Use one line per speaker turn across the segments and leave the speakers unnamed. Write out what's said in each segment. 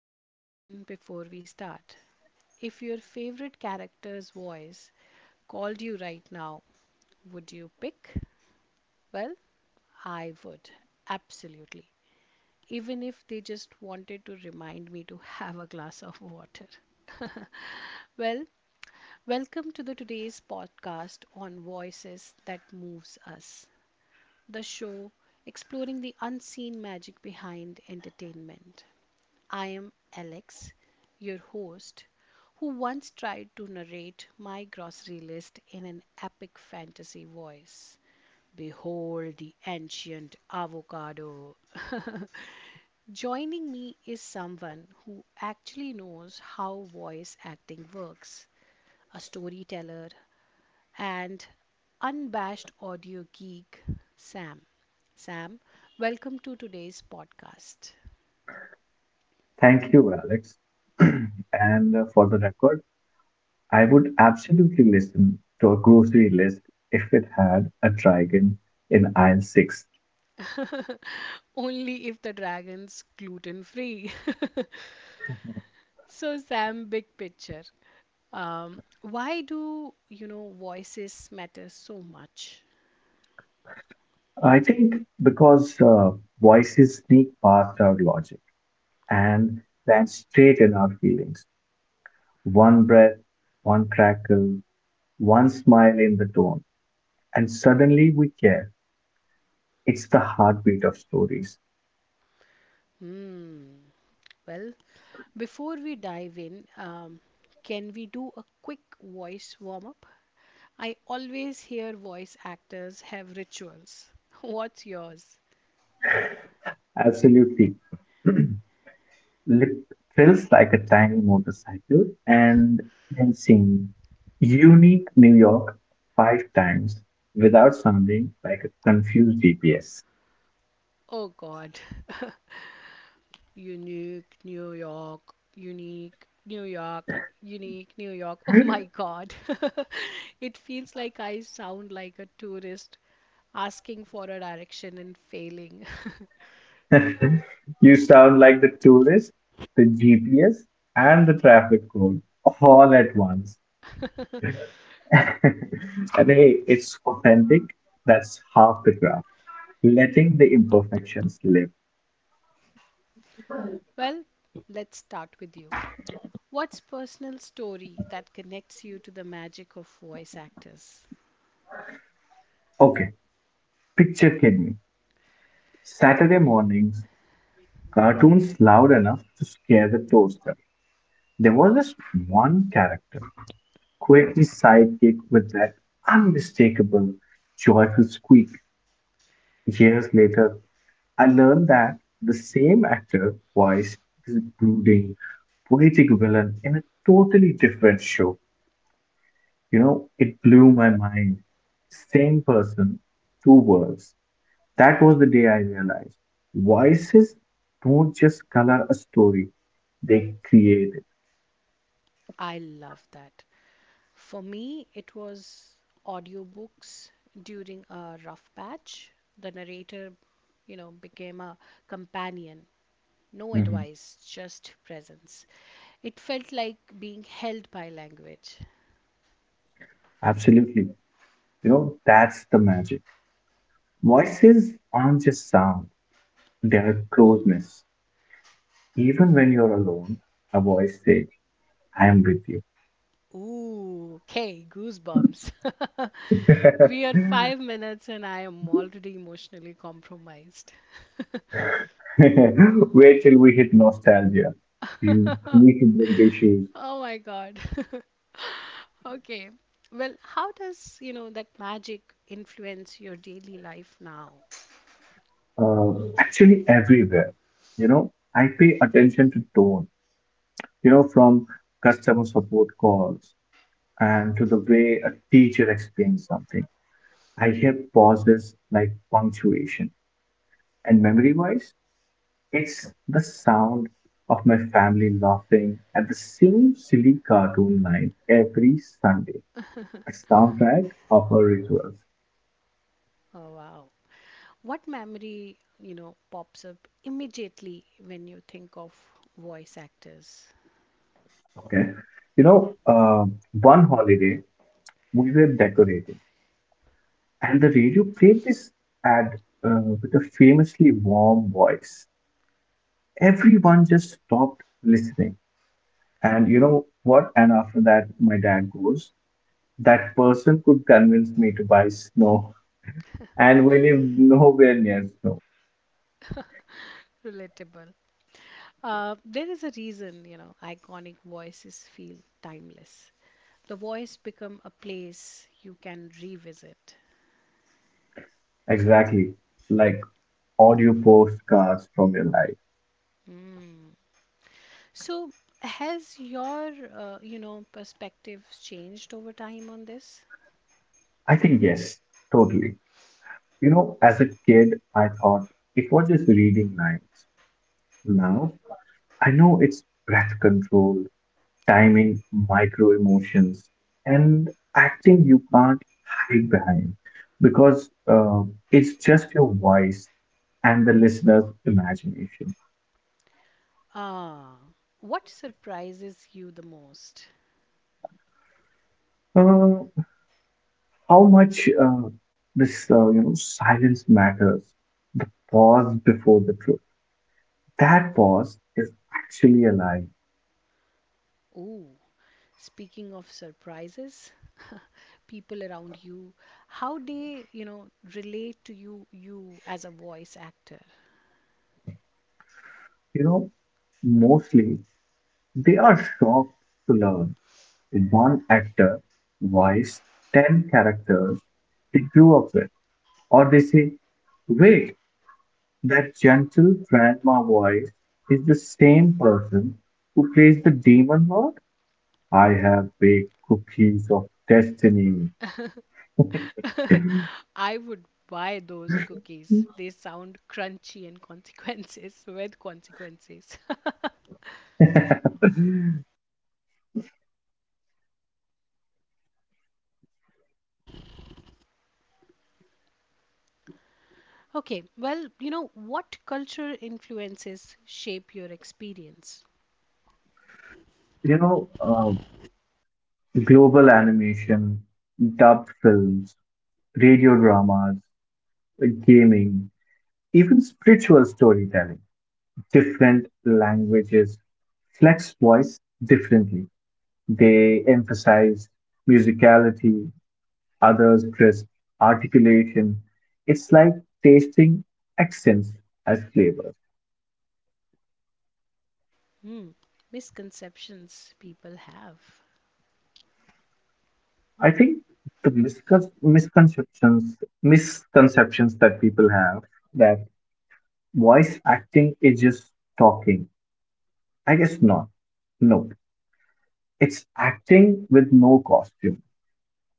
quick question before we start. If your favorite character's voice called you right now, would you pick? Well, I would, absolutely. Even if they just wanted to remind me to have a glass of water. Well, welcome to the today's podcast on voices that moves us, the show exploring the unseen magic behind entertainment. I am Alex, your host, who once tried to narrate my grocery list in an epic fantasy voice. Behold the ancient avocado. Joining me is someone who actually knows how voice acting works, a storyteller, and unabashed audio geek, Sam. Sam, welcome to today's podcast.
Thank you, Alex. and For the record, I would absolutely listen to a grocery list if it had a dragon in aisle six.
Only if the dragon's gluten free. so, Sam, big picture. Why do voices matter so much?
I think because voices sneak past our logic and land straight in our feelings. One breath, one crackle, one smile in the tone, and suddenly we care. It's the heartbeat of stories.
Hmm. Well, before we dive in, can we do a quick voice warm up? I always hear voice actors have rituals. What's yours?
Absolutely. It feels like a tiny motorcycle, and then sing Unique New York five times without sounding like a confused GPS.
Oh God. Unique New York, unique New York, unique New York. Oh my God. It feels like I sound like a tourist asking for a direction and failing.
You sound like the tourist, the GPS, and the traffic code all at once. And hey, it's authentic. That's half the craft. Letting the imperfections live.
Well, let's start with you. What's personal story that connects you to the magic of voice actors?
Okay, picture Kidney. Saturday mornings, cartoons loud enough to scare the toaster. There was this one character, quirky sidekick with that unmistakable, joyful squeak. Years later, I learned that the same actor voiced this brooding, poetic villain in a totally different show. It blew my mind. Same person, two worlds. That was the day I realized voices don't just color a story, they create.
I love that. For me, it was audiobooks during a rough patch. The narrator, you know, became a companion. No
Mhm.
advice, just presence. It felt like being held by language.
Absolutely. That's the magic. Voices aren't just sound, they're a closeness. Even when you're alone, a voice says, I am with you.
Ooh, okay, goosebumps. We are 5 minutes and I am already emotionally compromised.
Wait till we hit nostalgia. You need to break the issues.
Oh my god. Okay. Well, how does that magic influence your daily life now?
Actually, everywhere. I pay attention to tone, from customer support calls and to the way a teacher explains something. I hear pauses like punctuation. And memory wise, it's the sound of my family laughing at the same silly cartoon line every Sunday. The soundtrack of our rituals.
Oh, wow. What memory, you know, pops up immediately when you think of voice actors?
Okay. You know, uh, One holiday we were decorating, and the radio played this ad with a famously warm voice. Everyone just stopped listening. And you know what? And after that, my dad goes, that person could convince me to buy snow. And we live nowhere near snow.
Relatable. There is a reason, you know, iconic voices feel timeless. The voice become a place you can revisit.
Exactly. Like audio postcards from your life.
So, has your, perspective changed over time on this?
I think yes, totally. As a kid, I thought it was just reading lines. Now, I know it's breath control, timing, micro emotions, and acting you can't hide behind because it's just your voice and the listener's imagination.
Ah, what surprises you the most?
Uh, how much this silence matters, the pause before the truth. That pause is actually a lie.
Oh, speaking of surprises, people around you, how they, you know, relate to you, you as a voice actor.
you know Mostly they are shocked to learn one actor voiced 10 characters they grew up with, or they say, wait, that gentle grandma voice is the same person who plays the demon lord. I have baked cookies of destiny.
I would buy those cookies. They sound crunchy and consequences with consequences. okay, well, you know, what culture influences shape your experience?
you know, uh, Global animation, dubbed films, radio dramas, gaming, even spiritual storytelling. Different languages flex voice differently. They emphasize musicality, others crisp articulation. It's like tasting accents as flavors.
Hmm, misconceptions people have.
I think the misconceptions that people have, that voice acting is just talking. I guess not. No. It's acting with no costume,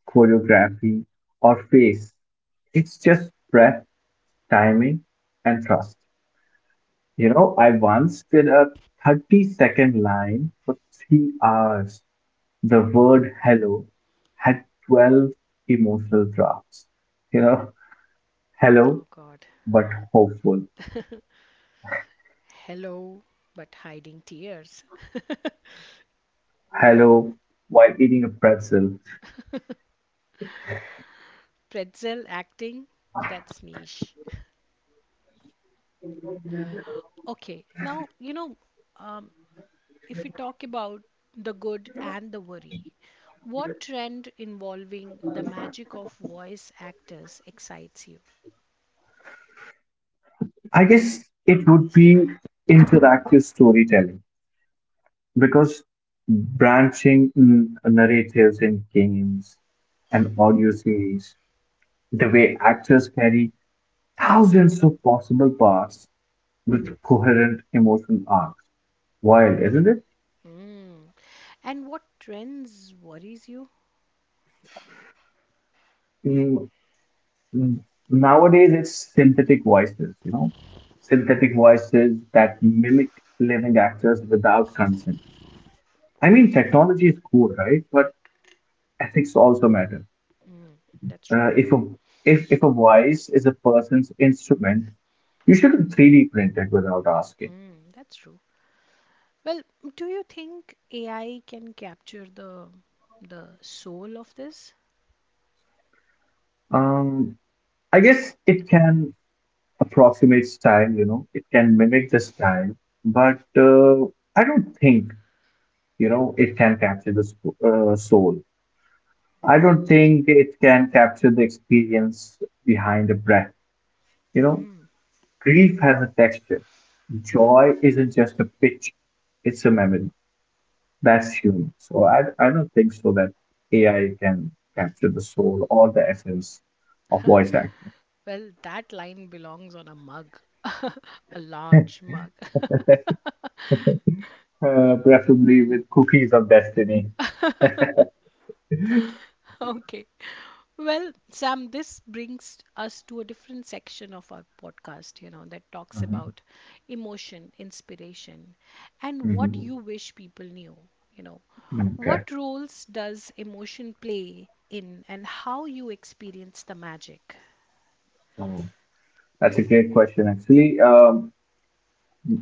choreography, or face. It's just breath, timing, and trust. I once did a 30-second line for 3 hours. The word hello had 12 emotional drafts. You know, hello,
Oh God.
but hopeful.
Hello, but hiding tears.
Hello, while eating a pretzel.
Pretzel acting, that's niche. Okay, now, you know, um, if we talk about the good and the worry, what trend involving the magic of voice actors excites you?
I guess it would be interactive storytelling. Because branching narratives in games and audio series, the way actors carry thousands of possible paths with coherent emotional arcs. Wild, isn't it?
Mm. And what trends worries you?
Mm, mm, Nowadays, it's synthetic voices, synthetic voices that mimic living actors without consent. I mean, technology is cool, right? But ethics also matter.
That's true.
Uh, if a if a voice is a person's instrument, you shouldn't 3D print it without asking.
Mm, that's true. Well, do you think AI can capture the soul of this?
Um, I guess it can approximate style, you know, it can mimic the style, but I don't think, you know, it can capture the soul. I don't think it can capture the experience behind a breath. You know, grief has a texture. Joy isn't just a pitch; it's a memory. That's human. So I don't think so that AI can capture the soul or the essence of voice acting,
Well, that line belongs on a mug, a large mug.
preferably with cookies of destiny.
okay. Well, Sam, this brings us to a different section of our podcast, you know, that talks
Mhm.
about emotion, inspiration, and what
Mhm.
you wish people knew, you know.
Okay.
What roles does emotion play in and how you experience the magic?
So that's a great question, actually. Um,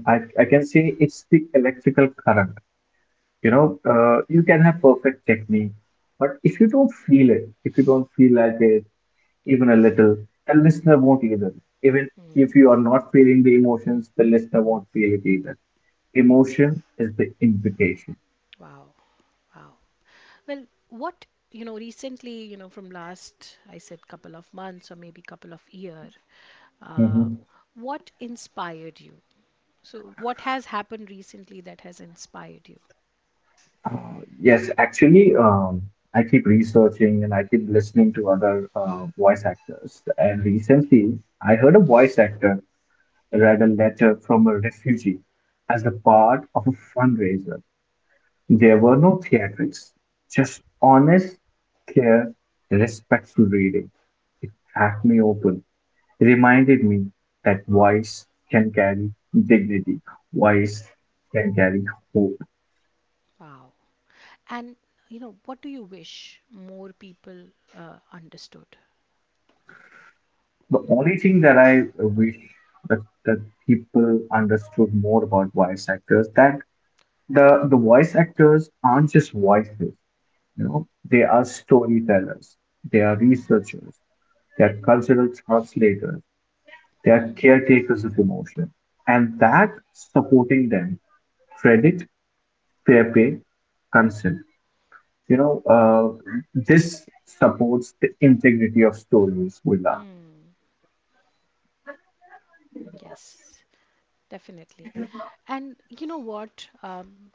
I, I can say it's the electrical current. You can have perfect technique, but if you don't feel it, if you don't feel like it, even a little, the listener won't either. Even if you are not feeling the emotions, the listener won't feel it either. Emotion is the invitation.
Wow. Wow. Well, what, you know, recently, you know, from last, I said couple of months or maybe couple of year,
Hmm.
um, what inspired you? So what has happened recently that has inspired you?
Uh, yes, actually, I keep researching and I keep listening to other voice actors. And recently, I heard a voice actor read a letter from a refugee as a part of a fundraiser. There were no theatrics, just honest, clear, respectful reading. It cracked me open. It reminded me that voice can carry dignity, voice can carry hope.
Wow. And, you know, what do you wish more people understood?
The only thing that I wish that, that people understood more about voice actors, that the voice actors aren't just voices, you know, they are storytellers, they are researchers, they are cultural translators. They are caretakers of emotion, and that supporting them, credit, fair pay, consent. You know, uh, this supports the integrity of stories, Bulla.
Yes, definitely. And you know what?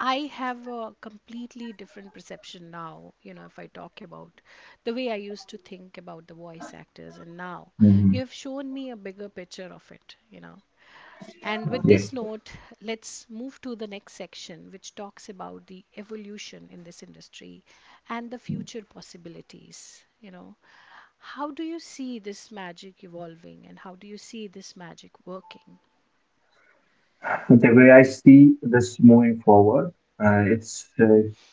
I have a completely different perception now, you know, if I talk about the way I used to think about the voice actors, and now you
Mhm.
have shown me a bigger picture of it, you know. And with
Yes.
this note, let's move to the next section, which talks about the evolution in this industry and the future possibilities. You know, how do you see this magic evolving and how do you see this magic working?
The way I see this moving forward, it's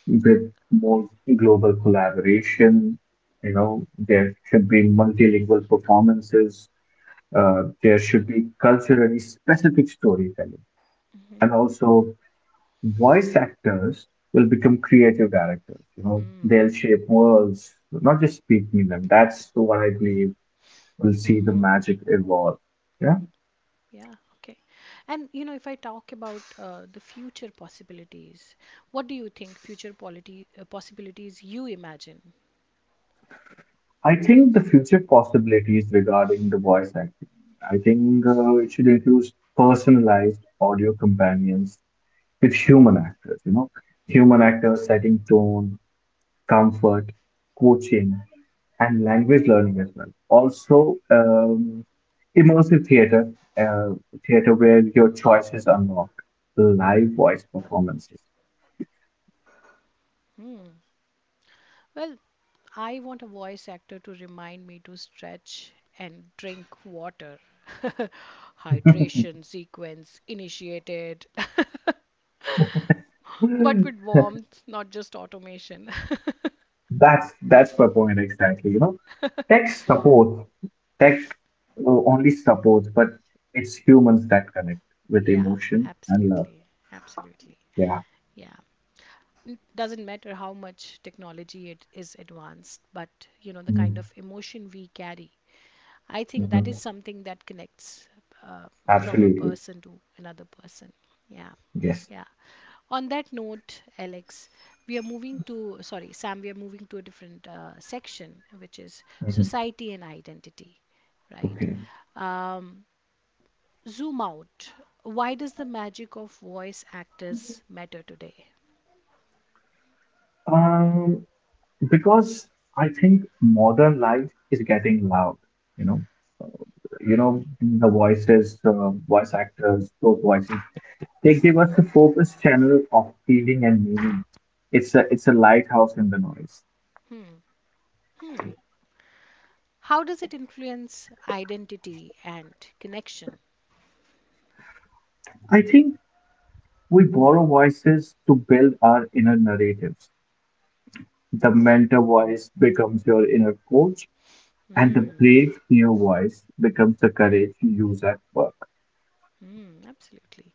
with more global collaboration. You know, there should be multilingual performances. There should be culturally specific storytelling, and also voice actors will become creative directors. You know, they'll shape worlds, not just speaking them. That's what I believe will see the magic evolve. Yeah.
Yeah, okay. And you know, if I talk about the future possibilities, what do you think future polity possibilities you imagine?
I think the future possibilities regarding the voice acting, I think it should include personalized audio companions with human actors. You know, human actors setting tone, comfort, coaching, and language learning as well. Also, immersive theater, uh, theater where your choices unlock live voice performances.
Well, I want a voice actor to remind me to stretch and drink water. Hydration sequence initiated, but with warmth, not just automation.
That's my point exactly. You know, tech supports, tech only supports, but it's humans that connect with
Yeah,
emotion and love.
absolutely. Absolutely.
Yeah.
Yeah. It doesn't matter how much technology it is advanced, but you know, the kind
Mhm.
of emotion we carry. I think that is
Mhm.
something that connects uh, from a
Absolutely.
person to another person. Yeah.
Yes.
Yeah. On that note, Alex, we are moving to, sorry, Sam, we are moving to a different section, which is
Mhm.
society and identity, right?
Okay.
Um, zoom out, why does the magic of voice actors matter today?
Um, because I think modern life is getting loud. You know, you know the voices, voice actors, those voices. They give us a focused channel of feeling and meaning. It's a lighthouse in the noise.
How does it influence identity and connection?
I think we borrow voices to build our inner narratives. The mentor voice becomes your inner coach, and the brave new voice becomes the courage you use at work.
Mm, absolutely,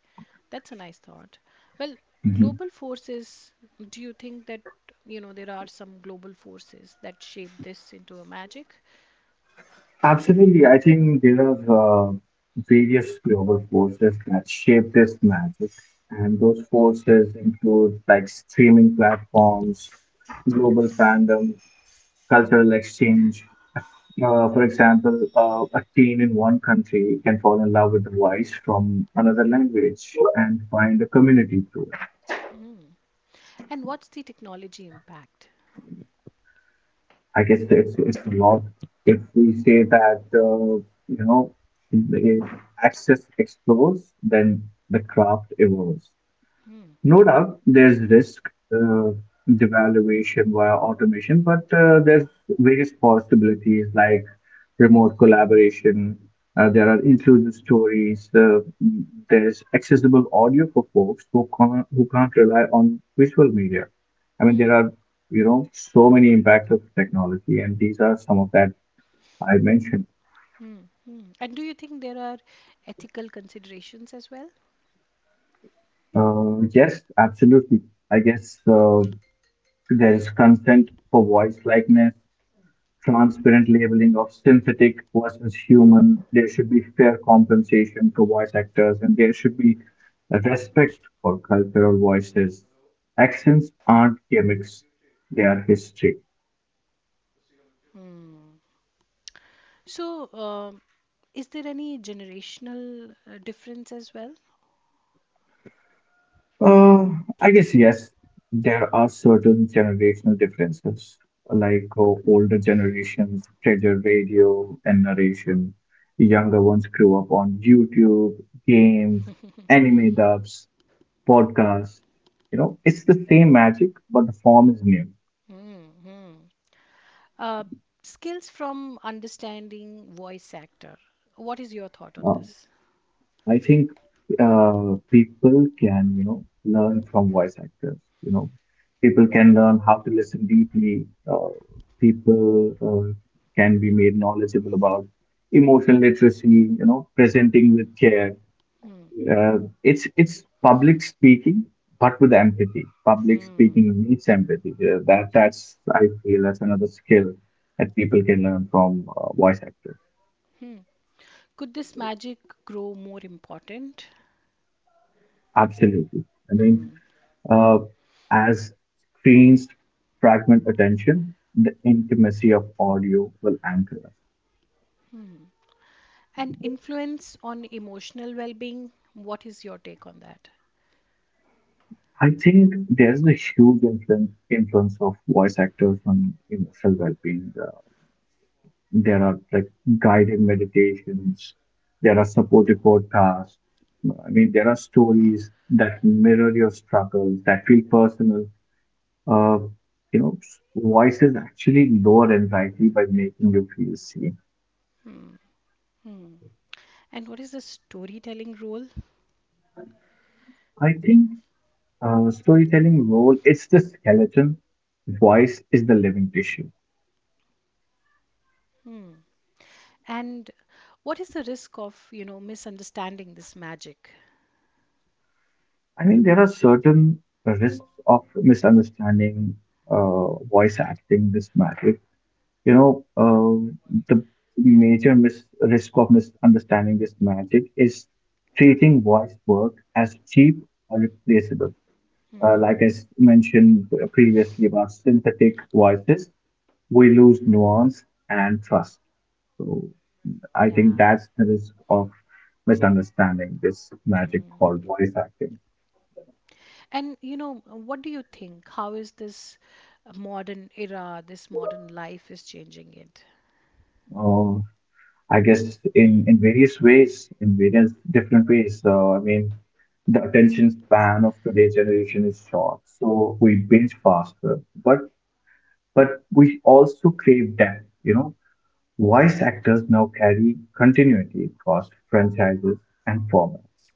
that's a nice thought. Well,
Mm-hmm.
global forces, do you think that you know there are some global forces that shape this into a magic?
Absolutely. I think there are various global forces that shape this magic, and those forces include like streaming platforms, global fandoms, cultural exchange. For example, a teen in one country can fall in love with a voice from another language and find a community through it.
And what's the technology impact?
I guess it's a lot. If we say that uh, you know if access explores, then the craft evolves. No doubt there's risk, devaluation via automation, but there's various possibilities like remote collaboration. There are inclusive stories. There's accessible audio for folks who can't rely on visual media. I mean, there are, you know, so many impacts of technology, and these are some of that I mentioned.
Hmm. And do you think there are ethical considerations as well?
Yes, absolutely. I guess there is consent for voice likeness, transparent labeling of synthetic versus human. There should be fair compensation to voice actors, and there should be a respect for cultural voices. Accents aren't gimmicks, they are history.
So is there any generational difference as well?
Uh, I guess, yes, there are certain generational differences, like older generations treasure radio and narration, younger ones grew up on YouTube, games, anime dubs, podcast. You know, it's the same magic, but the form is new.
Uh, skills from understanding voice actor. What is your thought on
Uh,
this?
I think people can, you know, learn from voice actors. You know, people can learn how to listen deeply. People can be made knowledgeable about emotional literacy. You know, presenting with care. It's public speaking, but with empathy. Public speaking needs empathy. That's I feel that's another skill that people can learn from voice actors.
Could this magic grow more important
Absolutely. I mean, uh, as screens fragment attention, the intimacy of audio will anchor us.
and influence on emotional well being? What is your take on that?
I think there's a huge influence of voice actors on emotional well-being. There are like guided meditations. There are supportive podcasts. I mean, there are stories that mirror your struggles, that feel personal. Uh, you know, Voices actually lower anxiety by making you feel seen.
And what is the storytelling role?
I think storytelling role is the skeleton, voice is the living tissue.
And what is the risk of, you know, misunderstanding this magic?
I mean, there are certain risks of misunderstanding, voice acting, this matter. you know, uh, the major risk of misunderstanding this magic is treating voice work as cheap or replaceable. Like I mentioned previously about synthetic voices, we lose nuance and trust. So I think
Yeah.
that's the risk of misunderstanding this magic called voice acting.
And, you know, what do you think? How is this modern era, this modern life is changing it?
Uh, I guess in various ways, in various different ways. So I mean, the attention span of today's generation is short, so we binge faster. But we also crave depth. You know, voice actors now carry continuity across franchises and formats.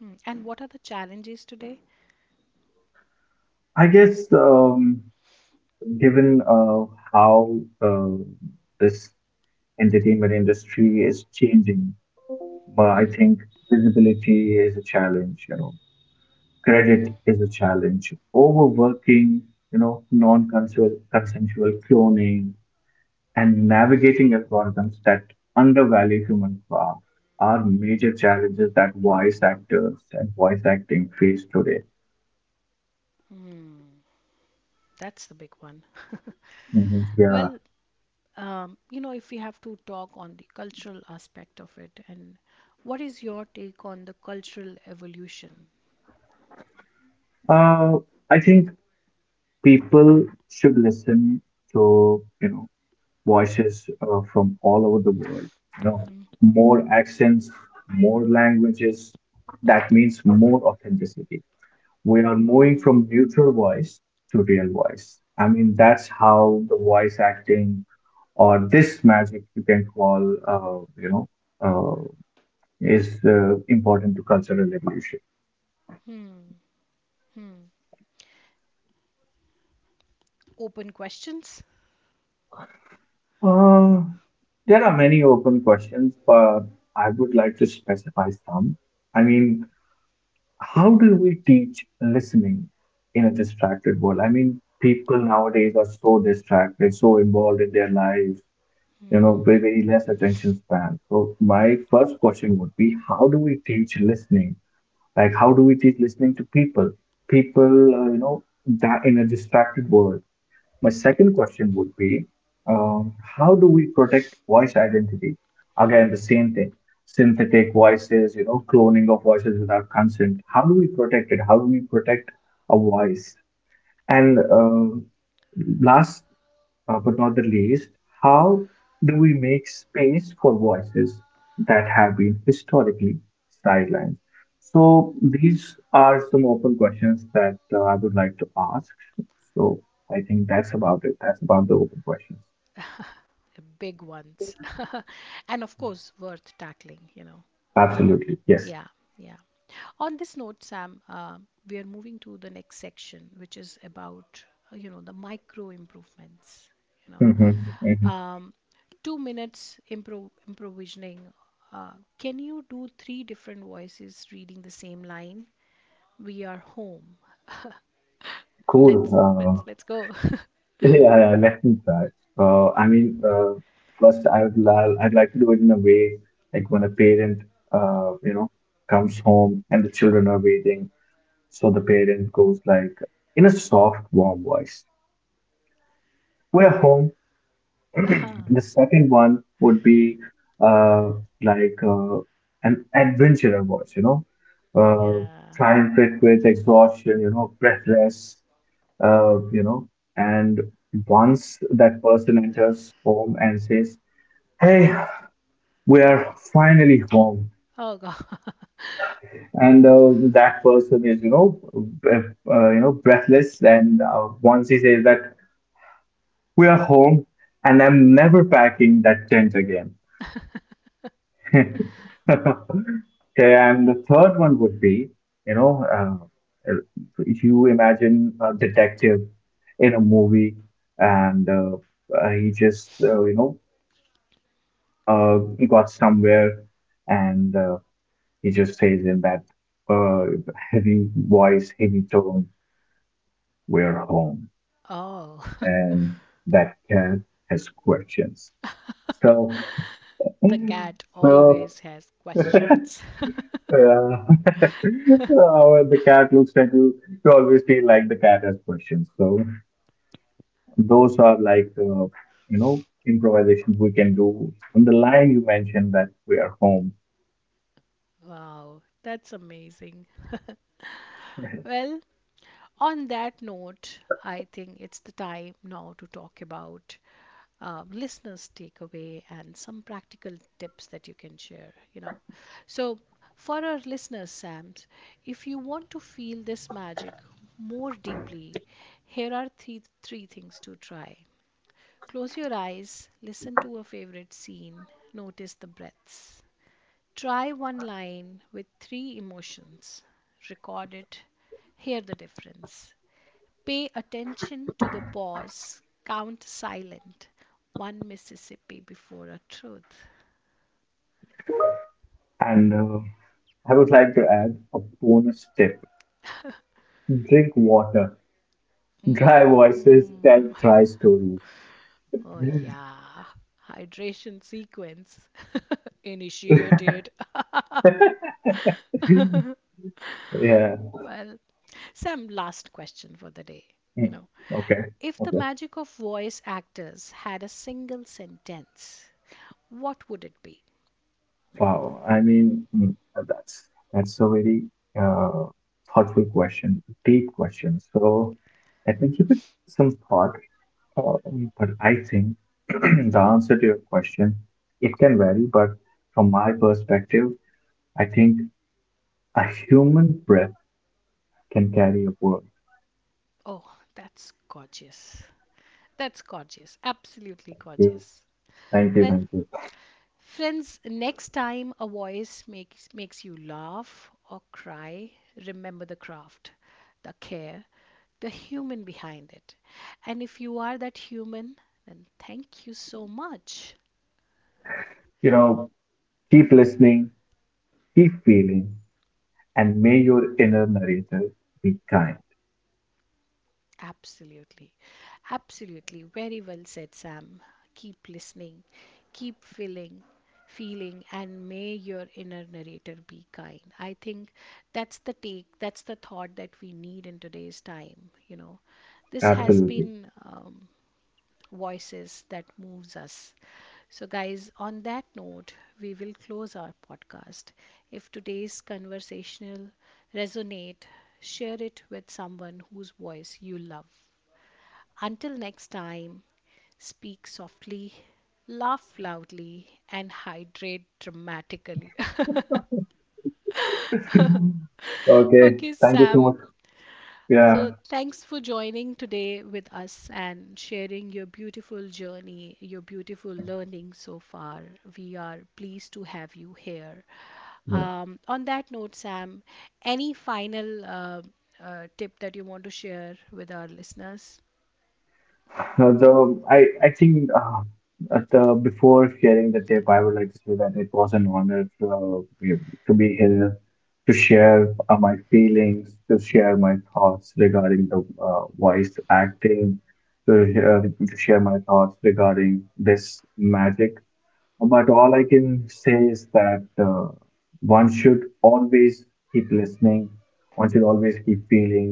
Hmm. And what are the challenges today?
I guess given how this entertainment industry is changing, but I think visibility is a challenge. You know, credit is a challenge. Overworking, non-consensual consensual cloning, and navigating algorithms that undervalue human craft are major challenges that voice actors and voice acting face today.
That's the big one.
Mhm. Yeah.
Well, you know, if we have to talk on the cultural aspect of it, and what is your take on the cultural evolution?
Uh, I think people should listen to, you know, voices from all over the world. You know, more accents, more languages. That means more authenticity. We are moving from neutral voice to real voice. I mean, that's how the voice acting or this magic you can call, uh, is important to cultural evolution.
Open questions,
Uh, there are many open questions, but I would like to specify some. I mean, how do we teach listening in a distracted world? I mean, people nowadays are so distracted, so involved in their lives, you know, very, very less attention span. So my first question would be, how do we teach listening? Like, how do we teach listening to people? People, that in a distracted world. My second question would be, how do we protect voice identity? Again, the same thing. Synthetic voices, you know, cloning of voices without consent. How do we protect it? How do we protect a voice? And last but not the least, how do we make space for voices that have been historically sidelined? So these are some open questions that I would like to ask. So I think that's about it. That's about the open questions.
big ones, and of course, worth tackling, you know.
Absolutely. Yes.
Yeah, yeah. On this note, Sam, we are moving to the next section, which is about you know the micro improvements. You
Hmm,
know,
hmm.
um, 2 minutes improvising. Can you do three different voices reading the same line? We are home.
Cool.
Let's go.
Yeah, yeah, yeah. Let me try. Uh, I mean, uh, first I'd like to do it in a way like when a parent, uh, you know, comes home and the children are waiting. So the parent goes like in a soft, warm voice. We're home.
Ah,
the second one would be uh, like an adventurer voice, you know, uh,
yeah.
triumphant with exhaustion, you know, breathless, uh, you know. And once that person enters home and says, "Hey, we are finally home,"
Oh God.
and that person is, you know, breathless. And once he says that, we are home, and I'm never packing that tent again. Okay, and the third one would be, you know, uh, uh, if you imagine a detective in a movie and he just, uh, got somewhere and he just says in that uh, heavy voice, heavy tone, we're home.
Oh,
And that cat has questions. So,
the cat
so
always has
yeah.
questions.
Oh, when the cat looks at you, you always feel like the cat has questions. So those are like, improvisations we can do. On the line, you mentioned that we are home,
Wow, that's amazing. Well, on that note, I think it's the time now to talk about listeners' takeaway and some practical tips that you can share. You know, so for our listeners, Sams, if you want to feel this magic more deeply, here are three things to try. Close your eyes, listen to a favorite scene, notice the breaths. Try one line with three emotions. Record it. Hear the difference. Pay attention to the pause. Count silent. One Mississippi before a truth.
and I would like to add a bonus tip: drink water. Dry voices tell dry stories.
Oh, yeah. Hydration sequence initiated.
Yeah.
well, some last question for the day. You
Mm.
know,
Okay.
if the magic of voice actors had a single sentence, what would it be?
Wow. I mean, mm, that's a very uh, thoughtful question, deep question. So let me give it some thought. But I think the answer to your question, it can vary, but from my perspective, I think a human breath can carry a world.
Oh, that's gorgeous. That's gorgeous. Absolutely
Thank you.
gorgeous.
Thank you.
Well,
Thank you.
friends, next time a voice makes you laugh or cry, remember the craft, the care, the human behind it. And if you are that human, then thank you so much.
You know, keep listening, keep feeling, and may your inner narrator be kind.
Absolutely. Absolutely. Very well said, Sam. Keep listening, keep feeling, feeling, and may your inner narrator be kind. I think that's the take, that's the thought that we need in today's time. You know, this has
Absolutely.
been voices that moves us. So guys, on that note, we will close our podcast. If today's conversational resonate, share it with someone whose voice you love. Until next time, speak softly, laugh loudly, and hydrate dramatically.
Okay.
Okay
Thank you so
Sam,
much.
so,
Yeah.
thanks for joining today with us and sharing your beautiful journey, your beautiful learning so far. We are pleased to have you here.
Yeah.
On that note, Sam, any final tip that you want to share with our listeners?
Now, the I think at the before sharing the tip, I would like to say that it was an honor to be here to share my feelings, to share my thoughts regarding the voice acting, to share my thoughts regarding this magic. But all I can say is that one should always keep listening. One should always keep feeling,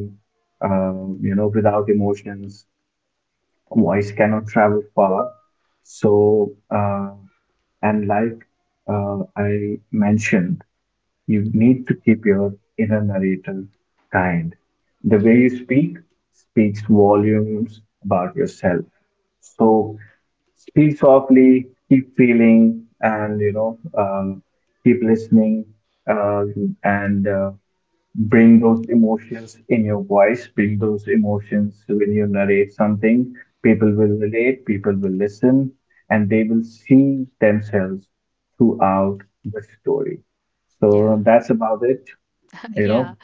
uh, without emotions voice cannot travel far. So, and like I mentioned, you need to keep your inner narrator kind. The way you speak speaks volumes about yourself. So, speak softly, keep feeling, and keep listening, and bring those emotions in your voice, bring those emotions when you narrate something. People will relate, people will listen, and they will see themselves throughout the story.
Yeah.
So that's about it, you know.
Yeah.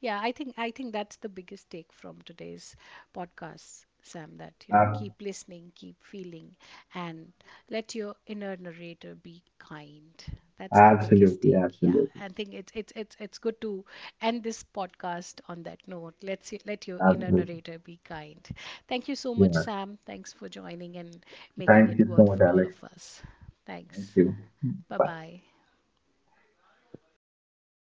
Yeah, I think that's the biggest take from today's podcast, Sam, that you know,
Uh,
keep listening, keep feeling and let your inner narrator be kind. That's the biggest
Absolutely,
take. Yeah.
absolutely,
I think it's good to end this podcast on that note. Let your inner
absolutely.
narrator be kind. Thank you so much,
Yeah.
Sam. Thanks for joining and making
Thank
it
you so
worth
much,
for all
Alex.
of us.
Thank
Thanks.
you. Bye.
Bye-bye.